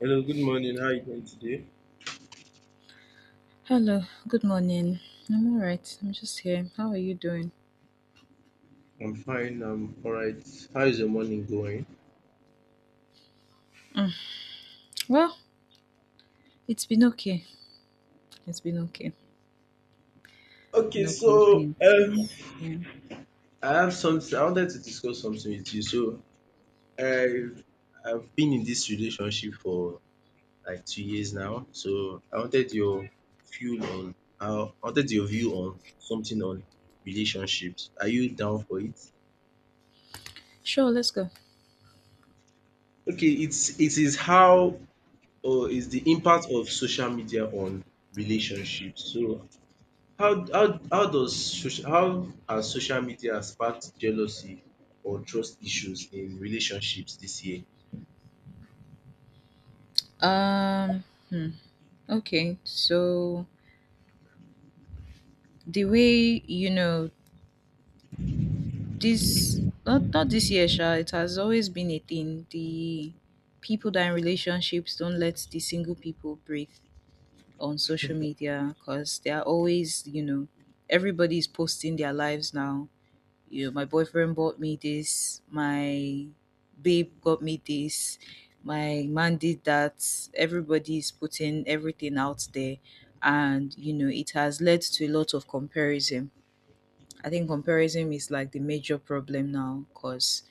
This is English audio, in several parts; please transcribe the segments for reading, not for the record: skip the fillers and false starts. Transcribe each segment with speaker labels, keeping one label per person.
Speaker 1: Hello, good morning. How are you doing today?
Speaker 2: Hello, good morning. I'm alright. I'm just here. How are you doing?
Speaker 1: I'm fine. I'm all right. How is your morning going?
Speaker 2: Mm, Well, it's been okay. It's been okay.
Speaker 1: Okay,
Speaker 2: No
Speaker 1: so
Speaker 2: complaints. Yeah.
Speaker 1: I have something. I wanted to discuss something with you. So I I've been in this relationship for like 2 years now. So I wanted your view on. I wanted your view on something on relationships. Are you down for it?
Speaker 2: Sure, let's go.
Speaker 1: Okay, it is how or is the impact of social media on relationships. So How does social how has social media sparked jealousy or trust issues in relationships this year?
Speaker 2: Um, hmm. Okay. So the way, you know, this not this year, Sha, it has always been a thing. The people that are in relationships don't let the single people breathe on social media because they are always, everybody is posting their lives now, my boyfriend bought me this, my babe got me this, my man did that. Everybody's putting everything out there, and it has led to a lot of comparison. I think comparison is like the major problem now because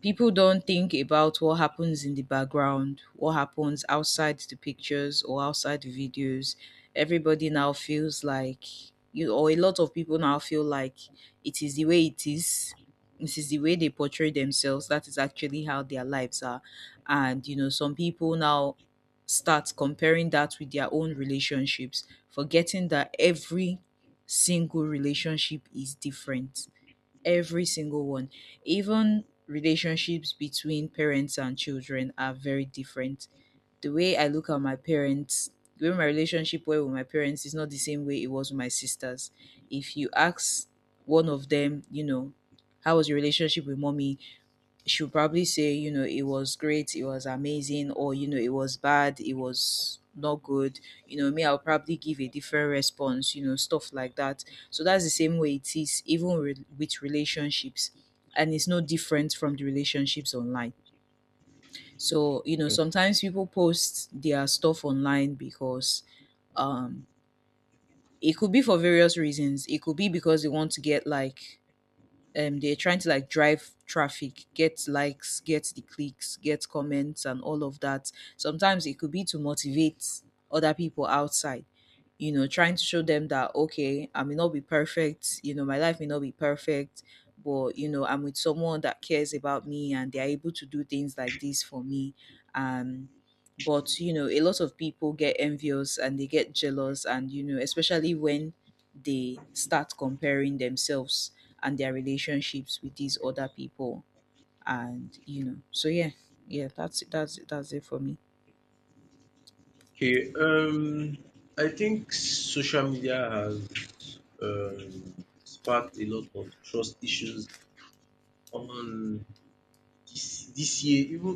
Speaker 2: people don't think about what happens in the background, what happens outside the pictures or outside the videos. Everybody now feels like, or a lot of people now feel like it is the way it is. This is the way they portray themselves. That is actually how their lives are. And some people now start comparing that with their own relationships, forgetting that every single relationship is different. Every single one. Even relationships between parents and children are very different. The way I look at my parents, the way my relationship were with my parents is not the same way it was with my sisters. If you ask one of them, you know, how was your relationship with mommy? She'll probably say, you know, it was great, it was amazing, or you know, it was bad, it was not good. You know, me, I'll probably give a different response, you know, stuff like that. So that's the same way it is, even with relationships. And it's no different from the relationships online. So, you know, sometimes people post their stuff online because um it could be for various reasons. It could be because they want to get like they're trying to like drive traffic, get likes, get the clicks, get comments and all of that. Sometimes it could be to motivate other people outside, you know, trying to show them that okay, I may not be perfect, you know, my life may not be perfect, but you know, I'm with someone that cares about me and they're able to do things like this for me. um but you know, a lot of people get envious and they get jealous, and you know, especially when they start comparing themselves and their relationships with these other people. And you know, so yeah, yeah, that's it, that's it, that's it for me.
Speaker 1: Okay, I think social media has sparked a lot of trust issues on this year, even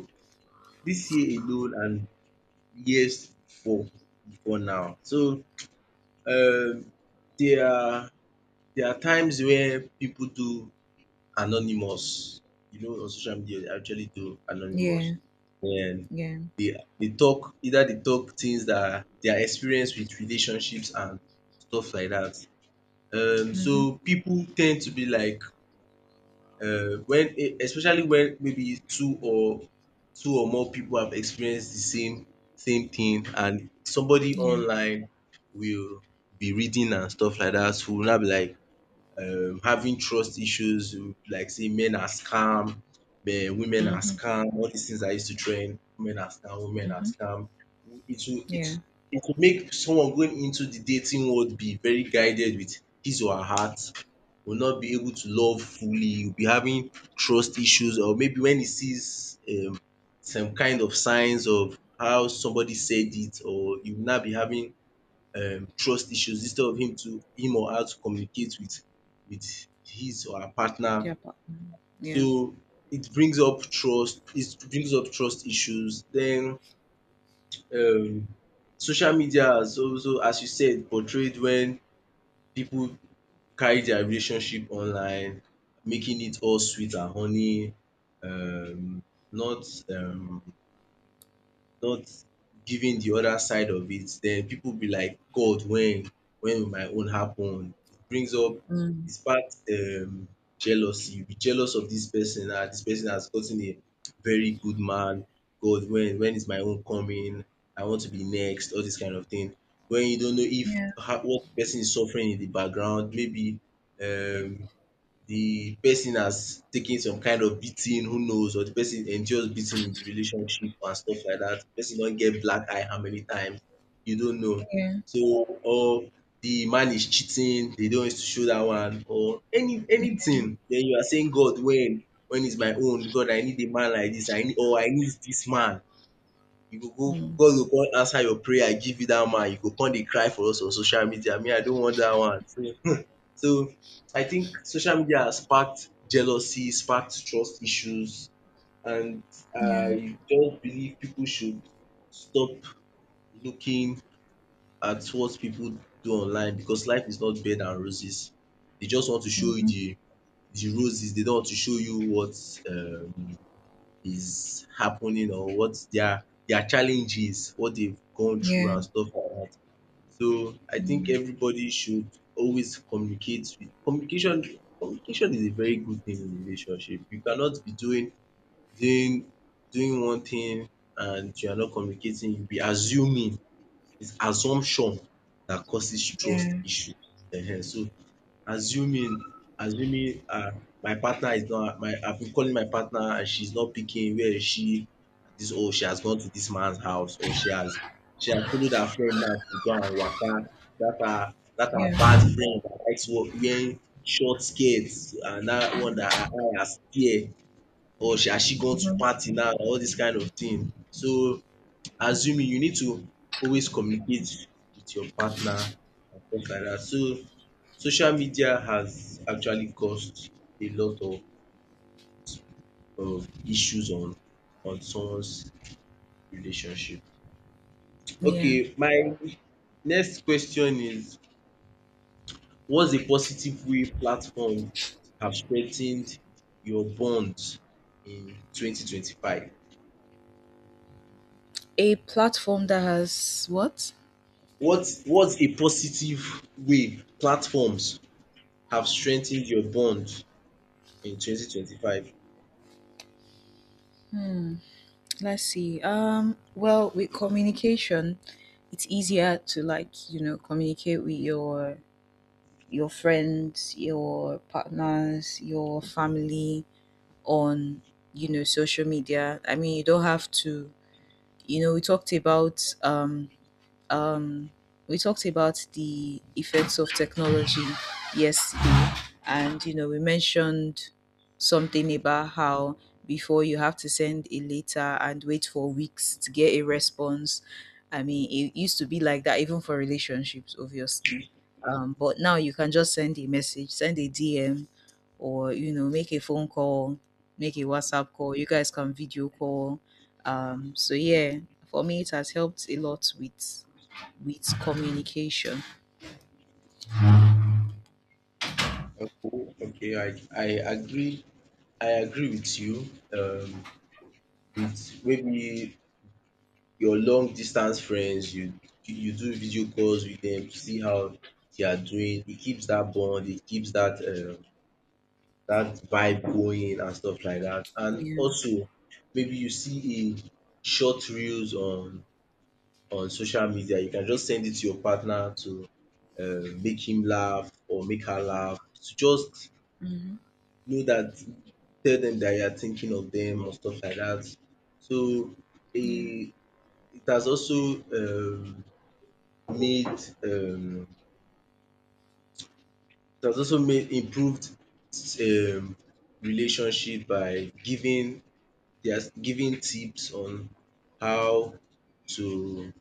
Speaker 1: this year alone and years before before now. So um, there are there are times where people do anonymous. You know, on social media, they actually do anonymous.
Speaker 2: Yeah.
Speaker 1: And
Speaker 2: Yeah.
Speaker 1: they talk either they talk things that their experience with relationships and stuff like that.
Speaker 2: Mm-hmm.
Speaker 1: So people tend to be like when especially when maybe two or more people have experienced the same thing and somebody
Speaker 2: Yeah.
Speaker 1: online will be reading and stuff like that. So will now be like having trust issues, like say men are scam, women are
Speaker 2: Mm-hmm.
Speaker 1: scam, all these things I used to train. Men are scam, women are
Speaker 2: Mm-hmm.
Speaker 1: scam. It will
Speaker 2: Yeah.
Speaker 1: it it will make someone going into the dating world be very guided with his or her heart, will not be able to love fully, will be having trust issues, or maybe when he sees some kind of signs of how somebody said it, or you will now be having trust issues instead of him or her to communicate with with his or her partner.
Speaker 2: Their partner. Yeah.
Speaker 1: So it brings up trust issues. Then um social media has also, as you said, portrayed when people carry their relationship online, making it all sweet and honey, um not um not giving the other side of it. Then people be like, God, when will my own happen? It brings up
Speaker 2: Mm.
Speaker 1: it sparks jealousy. You be jealous of this person. Ah, this person has gotten a very good man. God, when is my own coming? I want to be next, all this kind of thing. When you don't know if
Speaker 2: Yeah.
Speaker 1: how, what person is suffering in the background, maybe um the person has taken some kind of beating, who knows, or the person endures beating in the relationship and stuff like that. The person don get black eye how many times, you don't know.
Speaker 2: Yeah.
Speaker 1: So or the man is cheating, they don't want to show dat one or anything. Den you are saying God when? When is my own? God I need a man like dis, I need dis man. You go go
Speaker 2: Mm-hmm.
Speaker 1: God go con answer your prayer give you dat man, you go con dey cry for us on social media. Me I don't want dat one. So I think social media has sparked jealousy, sparked trust issues, and
Speaker 2: Yeah.
Speaker 1: I don't believe people should stop looking at what people do online because life is not bed and roses. They just want to show you
Speaker 2: Mm-hmm.
Speaker 1: the roses. They don't want to show you what um is happening, or what their challenges, what they've gone through
Speaker 2: Yeah.
Speaker 1: and stuff like that. So I think
Speaker 2: Mm.
Speaker 1: everybody should always communicate with communication. Communication is a very good thing in relationship. You cannot be doing doing one thing and you are not communicating, you be assuming. It's assumption that causes trust
Speaker 2: Yeah.
Speaker 1: issue. Ehen. So assuming my partner is not my I've been calling my partner and she's not picking, where is she? This oh she has gone to this man's house, or she has followed her friend now to go and waka. That her bad
Speaker 2: Yeah.
Speaker 1: friend dat likes wearing short skirt, and that one that her eye has tear, or she gone to
Speaker 2: Mhm.
Speaker 1: party now, all this kind of thing. So assuming, you need to always communicate with your partner and stuff like that. So social media has actually caused a lot of issues on someone's relationship.
Speaker 2: Yeah.
Speaker 1: Okay, my next question is what's a positive way platforms have strengthened your bonds in 2025?
Speaker 2: A platform that has what?
Speaker 1: What's a positive way platforms have strengthened your bond in 2025?
Speaker 2: Hmm. Let's see, well, with communication it's easier to like communicate with your friends, your partners, your family on, social media. I mean, you don't have to. You know, we um, talked about the effects of technology yesterday, and you know, we mentioned something about how before you have to send a letter and wait for weeks to get a response. I mean, it used to be like that even for relationships, obviously. But now you can just send a message, send a DM, or you know, make a phone call, make a WhatsApp call. You guys can video call. So yeah, for me, it has helped a lot with communication.
Speaker 1: Okay, okay, I agree. I agree with you. With maybe your long distance friends, you do video calls with them to see how they are doing. It keeps that bond. It keeps that that vibe going and stuff like that. And
Speaker 2: Yeah.
Speaker 1: also, maybe you see a short reels on social media. You can just send it to your partner to make him laugh or make her laugh to just
Speaker 2: Hmm.
Speaker 1: know that, tell them that you are thinking of them or stuff like that. So
Speaker 2: Yeah.
Speaker 1: it it has also um made improved um relationship by giving tips on how to,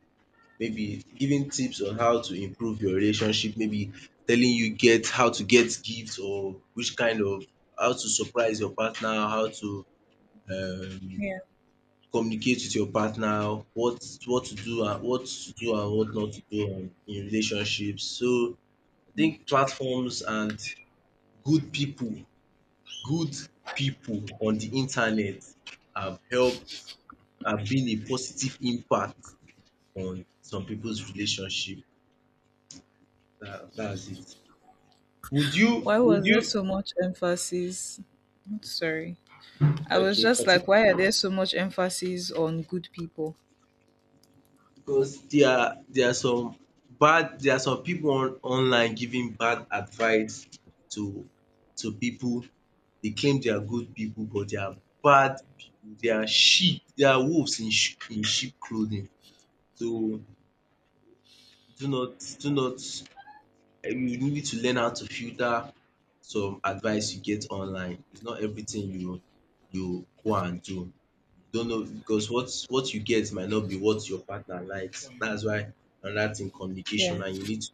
Speaker 1: maybe giving tips on how to improve your relationship, maybe telling you get how to get gifts, or which kind of, how to surprise your partner, how to um
Speaker 2: Yeah.
Speaker 1: communicate with your partner, what to do and what not to do in relationships. So I think platforms and good people good people on the internet have helped, have been a positive impact on some people's relationship. That is it.
Speaker 2: Why
Speaker 1: Would
Speaker 2: was there
Speaker 1: you
Speaker 2: so much emphasis? I'm sorry. I was
Speaker 1: okay,
Speaker 2: just
Speaker 1: continue.
Speaker 2: like, why are there so much emphasis on good people?
Speaker 1: Because there are some bad there are some people on online giving bad advice to people. They claim they are good people but they are bad people. They are sheep. They are wolves in sheep clothing. So do not, you need to learn how to filter some advice you get online. It's not everything you go and do. You don't know because what you get might not be what your partner likes. That's why, another thing, communication.
Speaker 2: Yeah.
Speaker 1: And you need to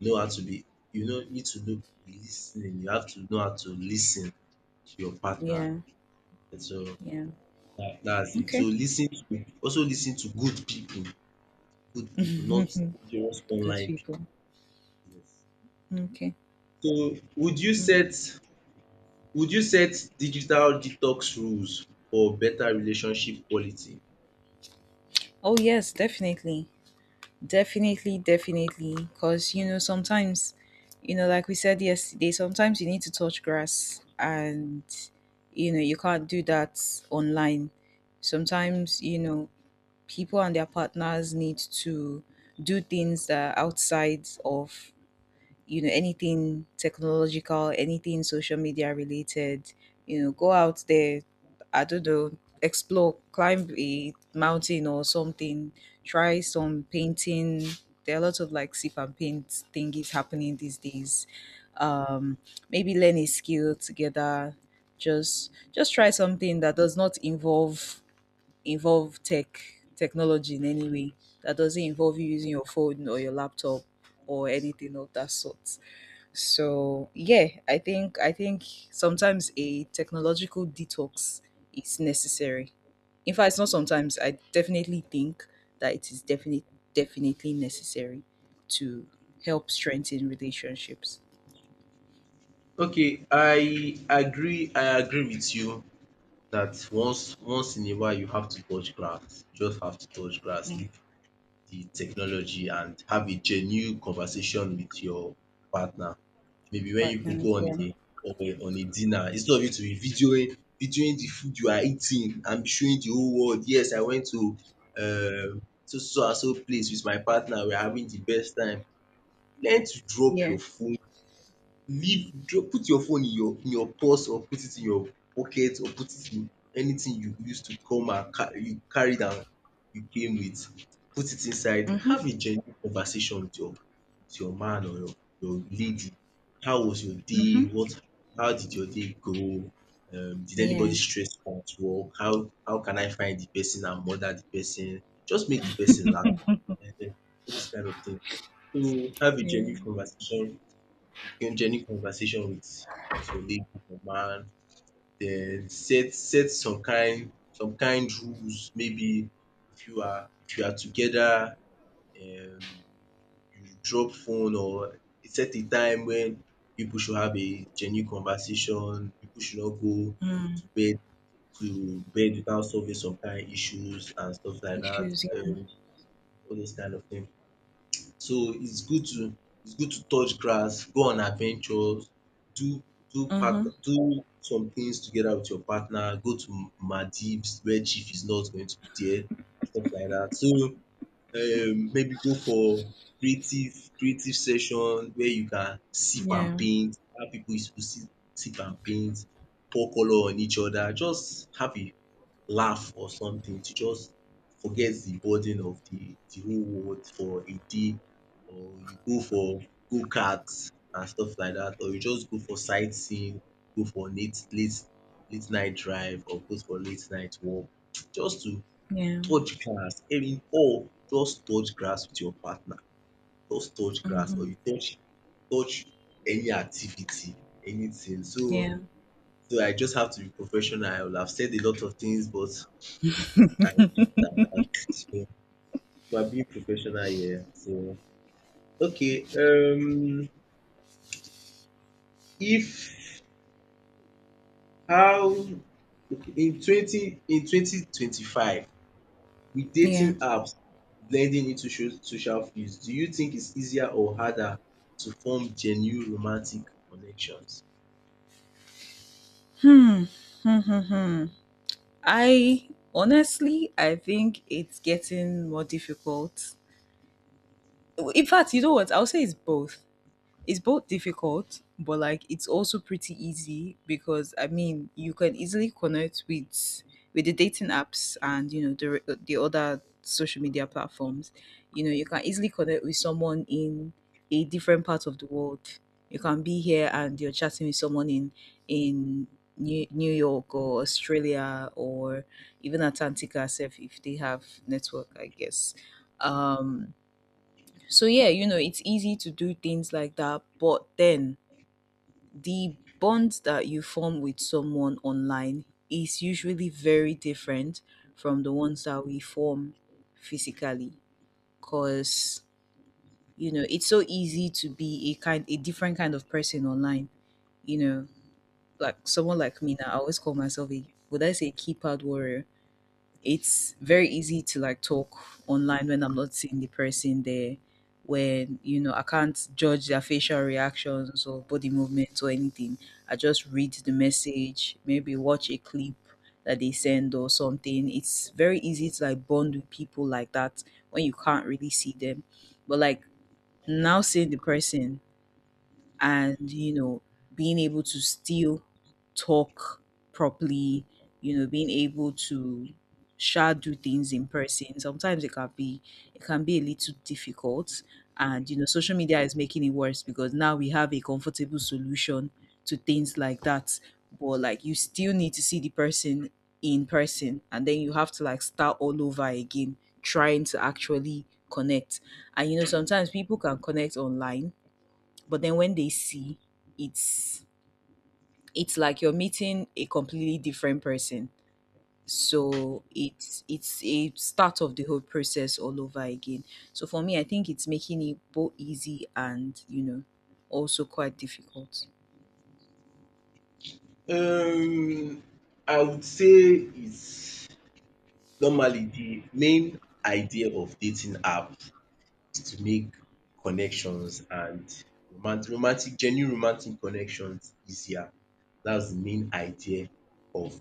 Speaker 1: know how to be, you know, need to do listening. You have to know how to listen to your partner.
Speaker 2: Yeah.
Speaker 1: And So
Speaker 2: Yeah.
Speaker 1: that's it. So
Speaker 2: Okay.
Speaker 1: listen to also listen to good people. Good people, not just
Speaker 2: Good
Speaker 1: online
Speaker 2: people.
Speaker 1: pipu. Yes.
Speaker 2: Okay.
Speaker 1: So would you
Speaker 2: Mm.
Speaker 1: set Would you set digital detox rules for better relationship quality?
Speaker 2: Oh yes, definitely. Definitely, definitely. Because, you know, sometimes, you know, like we said yesterday, sometimes you need to touch grass and, you know, you can't do that online. Sometimes, you know, people and their partners need to do things that are outside of, anything technological, anything social media related, go out there. I don't know, explore, climb a mountain or something. Try some painting. There are lots of like sip and paint thingies happening these days. um Maybe learn a skill together. Just try something that does not involve technology in any way, that doesn't involve you using your phone or your laptop or anything of that sort. So yeah, I think sometimes a technological detox is necessary. In fact, it's not sometimes. I definitely think that it is definitely, definitely necessary to help strengthen relationships.
Speaker 1: Okay, I agree with you dat once in a while you have to touch grass, you just have to touch grass.
Speaker 2: Mm.
Speaker 1: The technology, and have a genuine conversation with your partner. Maybe when you people
Speaker 2: Partners.
Speaker 1: go on
Speaker 2: Yeah.
Speaker 1: a on a dinner, instead of you to be videoing the food you are eating and be showing the whole world, “Yes, I went to so so so and so place with my partner. We are having the best time.” Learn to drop
Speaker 2: Yeah.
Speaker 1: your phone, leave dro put your phone in your purse, or put it in your pocket, or put it in anything you use to come and ca you carried am you came with, put it inside.
Speaker 2: Mm-hmm.
Speaker 1: Have a genuine conversation with your man or your lady. How was your day?
Speaker 2: Mm-hmm.
Speaker 1: What, how did your day go? Did anybody
Speaker 2: Yeah.
Speaker 1: stress you at work? How can I find de person and murder de person? Just make de person laugh, um all those kind of thing. So have a
Speaker 2: Yeah.
Speaker 1: genuine conversation, genuine conversation with your lady or man, then set some kind rules. Maybe if you are together, um you drop phone, or set a time when people should have a genuine conversation, people should not go
Speaker 2: Mm.
Speaker 1: to bed without solving some kind issues and stuff like that,
Speaker 2: Issues. Yeah.
Speaker 1: um all those kind of things. So it's good to, it's good to touch grass, go on adventures, do do
Speaker 2: Mm-hmm.
Speaker 1: partner do some things together with your partner, go to Maldives where chief is not going to be there, stuff like dat. So maybe go for creative creative session where you can sip and
Speaker 2: Yeah.
Speaker 1: paint, allow pipu to sip and paint, pour colour on each other, just have a laugh or something to just forget de burden of de whole world for a day, or you go for go-kart and stuff like dat, or you just go for sightseeing, go for late night drive or go for late night walk just to
Speaker 2: Yeah.
Speaker 1: touch grass any how, just touch grass with your partner, just touch grass,
Speaker 2: Mm-hmm.
Speaker 1: or you touch any activity, anything. so
Speaker 2: Yeah.
Speaker 1: so I just have to be professional. I would have said a lot of things, but I keep it at that. So we are being professional here. So okay. Um if how in twenty in 2025, with
Speaker 2: Yeah.
Speaker 1: dating apps blending into social fields, do you think it's easier or harder to form genuine romantic connections?
Speaker 2: Hmm. Hmm. Hmm. Hmm. I honestly, I think it's getting more difficult. In fact, you know what? I'll say it's both. It's both difficult, but like it's also pretty easy because I mean you can easily connect with the dating apps and you know the other social media platforms. You know you can easily connect with someone in a different part of the world. You can be here and you're chatting with someone in New York or Australia or even Antarctica, self if they have network, I guess. Um, so yeah, you know, it's easy to do things like that, but then the bond that you form with someone online is usually very different from the ones that we form physically, because you know, it's so easy to be a different kind of person online, you know, like someone like me now, I always call myself a, would I say, keypad warrior? It's very easy to like talk online when I'm not seeing the person there. When, you know, I can't judge their facial reactions or body movements or anything. I just read the message, maybe watch a clip that they send or something. It's very easy to like bond with people like that when you can't really see them. But like now seeing the person, and you know being able to still talk properly, you know being able to sha do things in person, sometimes it can be a little difficult. And you know, social media is making it worse because now we have a comfortable solution to things like that, but like you still need to see the person in person and then you have to like start all over again, trying to actually connect. And you know, sometimes people can connect online, but then when they see, it's it's like you're meeting a completely different person. So it's a start of the whole process all over again. So for me, I think it's making it both easy and, you know, also quite difficult.
Speaker 1: Um I would say it's normally, the main idea of dating app is to make connections and roman romantic genuine romantic connections easier. That's the main idea of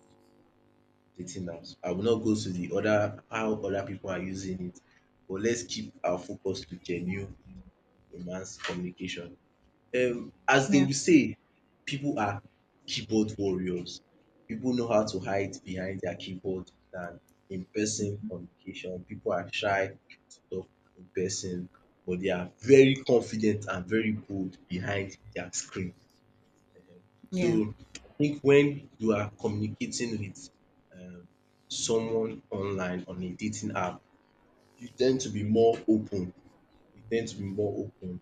Speaker 1: the thing out. I will not go to the other how other people are using it, but let's keep our focus to genuine romance communication. As they
Speaker 2: Yeah.
Speaker 1: will say, people are keyboard warriors. People know how to hide behind their keyboard than in person
Speaker 2: Hmm.
Speaker 1: communication. People are shy to talk in person, but they are very confident and very bold behind their screen. So
Speaker 2: Yeah.
Speaker 1: I think when you are communicating with um someone online on a dating app, you tend to be more open. You tend to be more open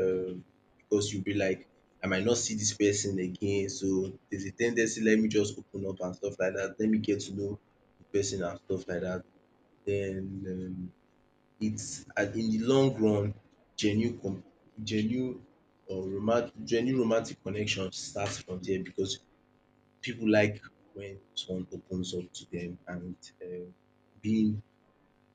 Speaker 1: um because you'll be like, I might not see this person again. So there's a tendency, let me just open up and stuff like that. Let me get to know the person and stuff like that. Then it's and in the long run, genuine com genuine or romantic genuine romantic connection starts from there because people like when someone opens up to them and um being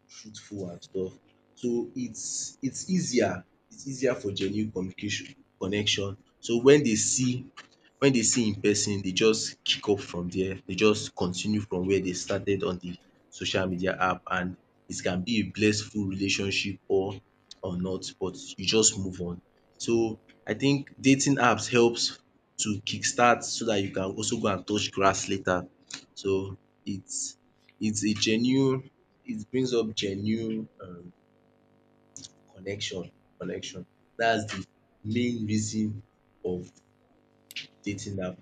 Speaker 1: truthful and stuff. So it's easier for genuine communication connection. So when they see in person, they just kick up from there. They just continue from where they started on the social media app, and it can be a blissful relationship or not, but you just move on. So I think dating apps helps to kickstart so that you can also go and touch grass later. So it's it's a genuine it brings up genuine connection connection. That's the main reason of dating app.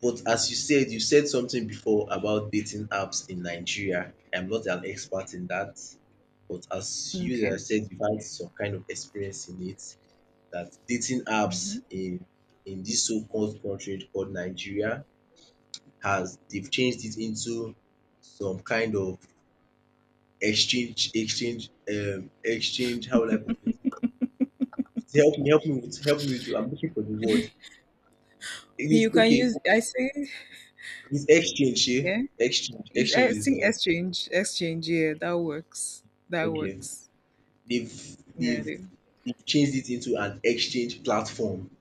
Speaker 1: But as you said something before about dating apps in Nigeria. I'm not an expert in that, but as you
Speaker 2: Okay.
Speaker 1: yourself said, you've had some kind of experience in it. That dating
Speaker 2: Hmm.
Speaker 1: apps in this so called country called Nigeria, has they've changed it into some kind of exchange. How will I put it? Help me with I'm looking for the word. It is
Speaker 2: You can
Speaker 1: okay.
Speaker 2: use. I say.
Speaker 1: It's exchange shey,
Speaker 2: Yeah.
Speaker 1: exchange
Speaker 2: It's, I
Speaker 1: exchange is
Speaker 2: think,
Speaker 1: all.
Speaker 2: exchange. Exchange. Yeah, that works. That
Speaker 1: Okay.
Speaker 2: works.
Speaker 1: They've
Speaker 2: Yeah, it
Speaker 1: they've
Speaker 2: is.
Speaker 1: they've changed it into an exchange platform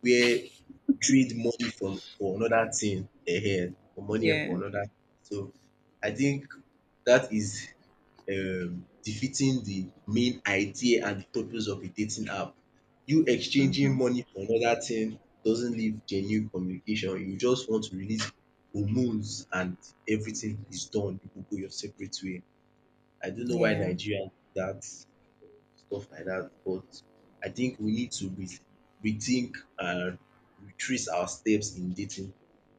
Speaker 1: where you trade money from, for another thing. Eh, eh, for money for
Speaker 2: Yeah.
Speaker 1: another. So I think that is defeating the main idea and the purpose of a dating app. You exchanging
Speaker 2: Hmm.
Speaker 1: money for another thing doesn't leave genuine communication. You just want to release hormones and everything is done. You go your separate way. I don't know why
Speaker 2: Yeah.
Speaker 1: Nigeria do that stuff like that, but I think we need to rethink and retrace our steps in dating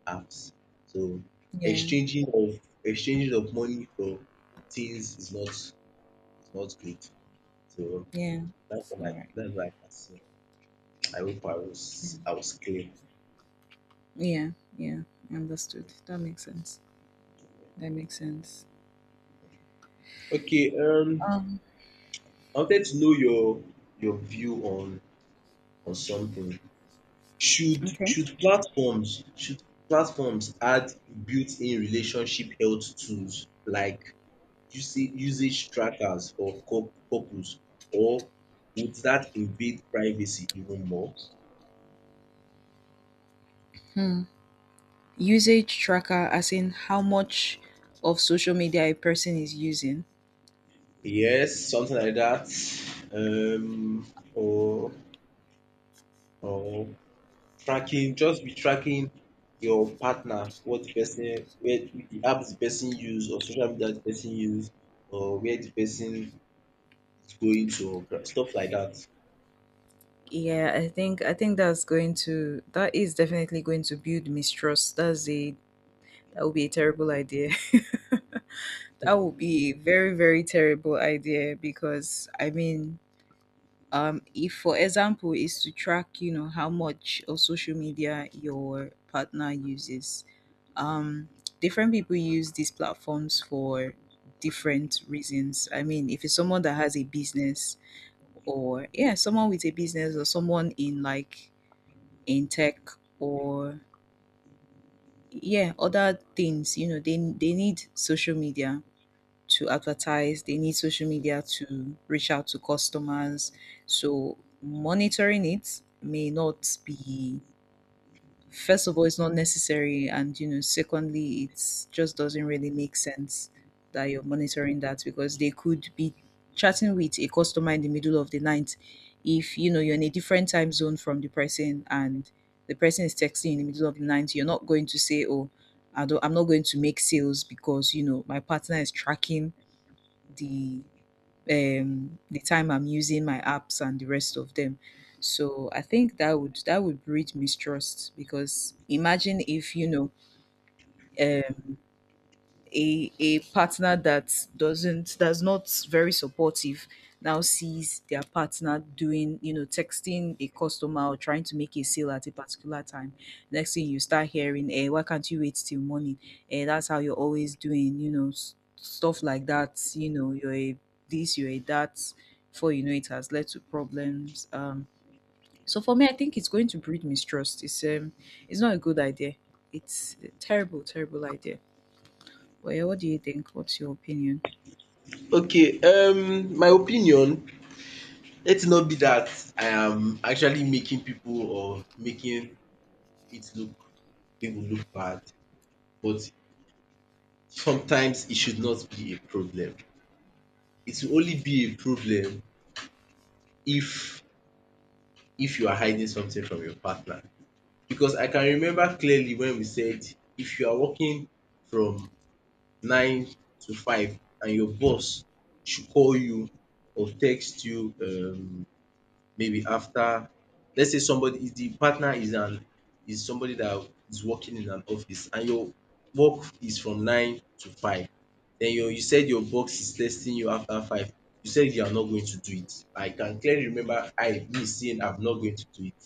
Speaker 1: apps. So
Speaker 2: Yeah.
Speaker 1: exchanging of money for things is not, it's not great. So
Speaker 2: Yeah.
Speaker 1: that's
Speaker 2: It's
Speaker 1: what
Speaker 2: all
Speaker 1: I
Speaker 2: right.
Speaker 1: that's what I can say. I hope I was clear.
Speaker 2: Yeah, yeah, understood. That makes sense. That makes sense.
Speaker 1: Okay,
Speaker 2: Um,
Speaker 1: I wanted to know your view on something. Should
Speaker 2: okay.
Speaker 1: should platforms should platforms add built-in relationship health tools like usage trackers for couples, or would that invade privacy even more?
Speaker 2: Hmm. Usage tracker, as in how much of social media a person is using.
Speaker 1: Yes, something like that. Um or or Tracking, just be tracking your partner, what the person, where the apps the person use or social media the person use or where the person is going to or stuff like that.
Speaker 2: Yeah, I think that's going to that is definitely going to build mistrust. That's a that would be a terrible idea. That would be a very, very terrible idea because I mean, if for example is to track, you know, how much of social media your partner uses. um Different people use these platforms for different reasons. I mean, if it's someone that has a business, or yeah, someone with a business, or someone in like, in tech, or yeah, other things, you know, they need social media to advertise, they need social media to reach out to customers. So monitoring it may not be, first of all, it's not necessary, and you know, secondly, it just doesn't really make sense that you're monitoring that, because they could be chatting with a customer in the middle of the night. If you know, you're in a different time zone from the person and the person is texting in the middle of the night, you're not going to say, oh I'm not going to make sales because, you know, my partner is tracking the the time I'm using my apps and the rest of them. So I think that would breed mistrust, because imagine if you know, a partner that's not very supportive now sees their partner doing, you know, texting a customer or trying to make a sale at a particular time, next thing you start hearing, eh, why can't you wait till morning, eh, that's how you're always doing, you know, stuff like that, you know, you're a this, you're a that. Before you know it, has led to problems. So for me, I think it's going to breed mistrust. It's not a good idea. It's a terrible, terrible idea. Well, what do you think? What's your opinion?
Speaker 1: Okay, my opinion, let it not be that I am actually making people, or making it look, people look bad, but sometimes it should not be a problem. It will only be a problem if if you are hiding something from your partner, because I can remember clearly when we said, if you are working from nine to five and your boss should call you or text you maybe after, let's say somebody is, the partner is an is somebody that is working in an office, and your work is from nine to five, then you said your boss is texting you after five, you said you are not going to do it. I can clearly remember, I, me, saying I'm not going to do it.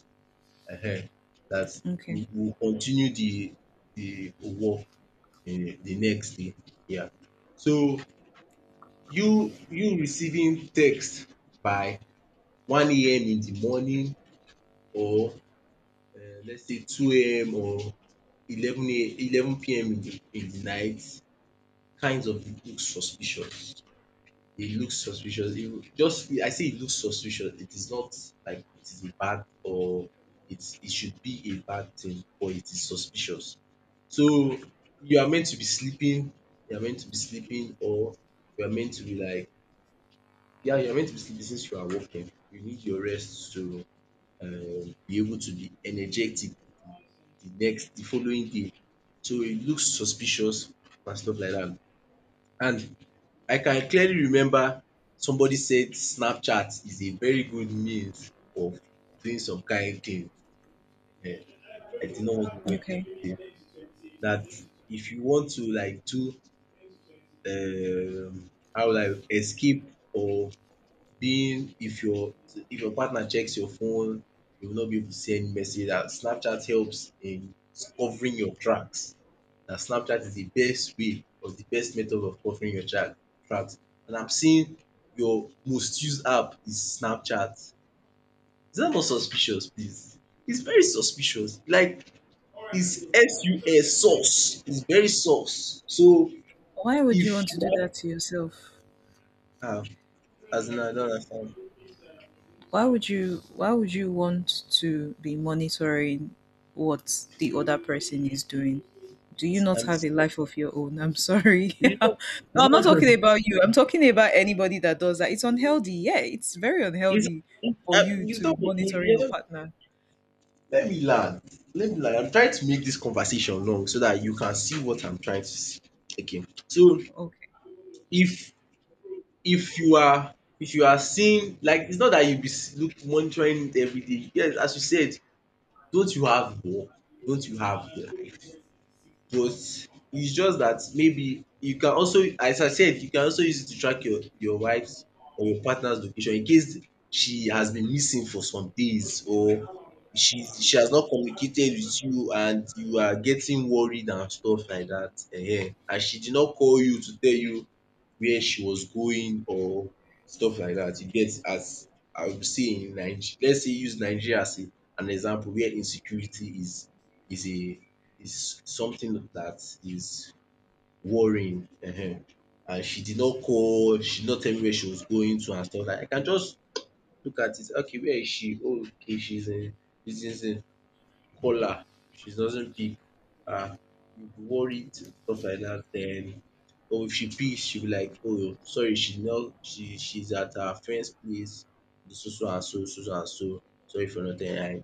Speaker 1: um that
Speaker 2: Okay.
Speaker 1: we will continue the work the next day. Yeah. So you receiving text by 1 a.m. in the morning or let's say 2 a.m. or eleven PM in the night kinds of look suspicious. It looks suspicious. It will- just I say it looks suspicious. It is not like it is bad or it should be a bad thing, but it is suspicious. So you are meant to be sleeping, you are meant to be sleeping, or you are meant to be like, yeah, you are meant to be sleeping since you are working. You need your rest to be able to be energetic the following day. So it looks suspicious and stuff like that. And I can clearly remember somebody said Snapchat is a very good means of doing some kain thing um. I did not want to go into
Speaker 2: Okay.
Speaker 1: detail dat. If you want to like do how will I escape, or being, if your partner checks your phone, you will not be able to send message, that Snapchat helps in covering your tracks. That Snapchat is the best way, or the best method of covering your tracks, and I'm seeing your most used app is Snapchat. Is that not suspicious, please? It's very suspicious, like it's sus, sus. It's very sus. So
Speaker 2: Why would you
Speaker 1: if
Speaker 2: want to do
Speaker 1: you
Speaker 2: that to yourself?
Speaker 1: have as in, I don't understand.
Speaker 2: Why would you want to be monitoring what the other person is doing? Do you
Speaker 1: It's
Speaker 2: not
Speaker 1: I'm
Speaker 2: have
Speaker 1: it's
Speaker 2: a life of your own? I'm sorry. No,
Speaker 1: not. It's
Speaker 2: I'm not talking
Speaker 1: not.
Speaker 2: about you. I'm talking about anybody that does that. It's unhealthy. Yeah, it's very
Speaker 1: It's,
Speaker 2: unhealthy
Speaker 1: uh,
Speaker 2: for you
Speaker 1: you
Speaker 2: to be
Speaker 1: don't
Speaker 2: monitoring
Speaker 1: you
Speaker 2: your
Speaker 1: don't,
Speaker 2: partner.
Speaker 1: let me land. Let me land. I'm trying to make this conversation long so that you can see what I'm trying to see. Okay. So
Speaker 2: Okay.
Speaker 1: if if you are, if you are seeing, like it's not that you be look monitoring it every day. Yes, as you said, don't you have work? Don't you have life? But it's just that maybe you can also, as I said, you can also use it to track your wife's or your partner's location in case she has been missing for some days, or she has not communicated with you and you are getting worried and stuff like dat, and she did not call you to tell you where she was going or stuff like dat, you get. As I would say in Nigeria, let's say use Nigeria as a an example, where insecurity is a, is something dat is worrying, and she did not call, she did not tell me where she was going to, and stuff like dat. I can just look at it, okay, where is she? Oh, okay, she's in caller. If she doesn't pick, um you'll be worried, stuff like that. Then or if she pick, she'll be like, oh sorry, she not. She she's at her friend's place, so so and so so so and so, sorry for nothing. And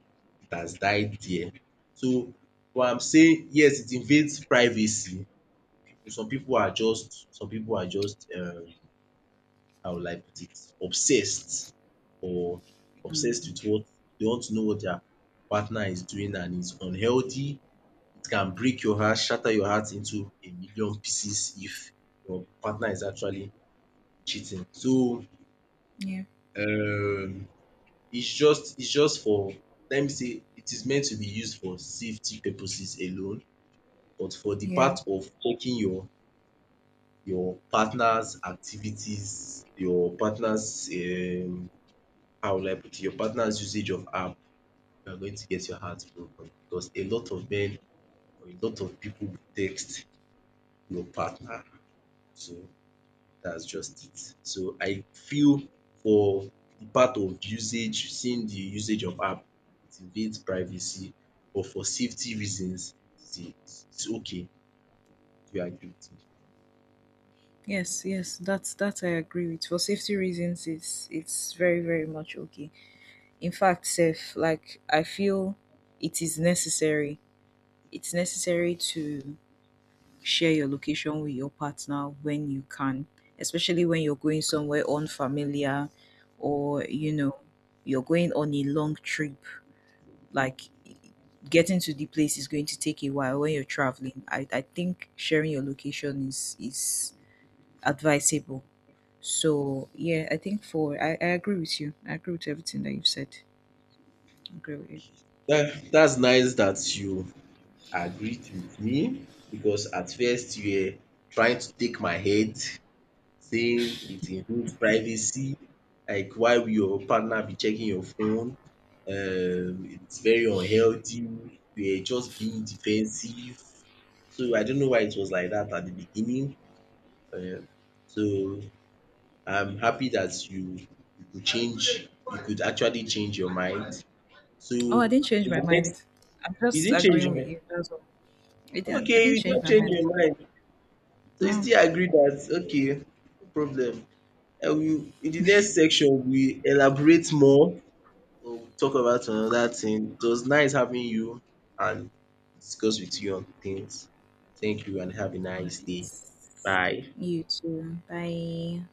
Speaker 1: it has died there. So what I'm saying, yes, it invades privacy. People, some people are just how will I put it, obsessed, or obsessed with what, they want to know what their partner is doing, and it's unhealthy. It can break your heart, shatter your heart into a million pieces if your partner is actually cheating. So
Speaker 2: Yeah.
Speaker 1: um it's just for, let me say, it is meant to be used for safety purposes alone, but for the
Speaker 2: Yeah.
Speaker 1: part of checking your partner's activities, your partner's how will I put it, your partner's usage of app, you are going to get your heart broken because a lot of men, or a lot of people, text your partner. So that's just it. So I feel, for the part of usage, seeing the usage of app, it invades privacy, but for safety reasons, it's okay. Do you agree with me?
Speaker 2: Yes, yes, that I agree with. For safety reasons, it's very, very much okay. In fact sef, like I feel it is necessary it's necessary to share your location with your partner when you can, especially when you're going somewhere unfamiliar, or you know, you're going on a long trip, like getting to the place is going to take a while. When you're traveling, I think sharing your location is advisable. So yeah, I think, I agree with you, I agree with everything that you've said. I agree with you.
Speaker 1: That's nice that you agreed with me, because at first you were trying to take my head, saying it invades privacy, like why will your partner be checking your phone? It's very unhealthy. We are just being defensive. So I don't know why it was like that at the beginning. Um so I'm happy that you could change, you could actually change your mind. So
Speaker 2: Oh, I
Speaker 1: in
Speaker 2: didn't change my
Speaker 1: the next,
Speaker 2: mind. I'm
Speaker 1: you
Speaker 2: just
Speaker 1: didn't change
Speaker 2: agreeing
Speaker 1: your
Speaker 2: with
Speaker 1: mind.
Speaker 2: you. That's all. I didn't, I
Speaker 1: Okay,
Speaker 2: didn't
Speaker 1: you
Speaker 2: change
Speaker 1: don't
Speaker 2: my
Speaker 1: change
Speaker 2: mind.
Speaker 1: your mind. So you
Speaker 2: No.
Speaker 1: still agree that, okay, no problem. And we, in the next section, we elaborate more. We'll talk about another thing. It was nice having you and discuss with you on things. Thank you and have a
Speaker 2: All
Speaker 1: nice
Speaker 2: right.
Speaker 1: day. Bye.
Speaker 2: You too. Bye.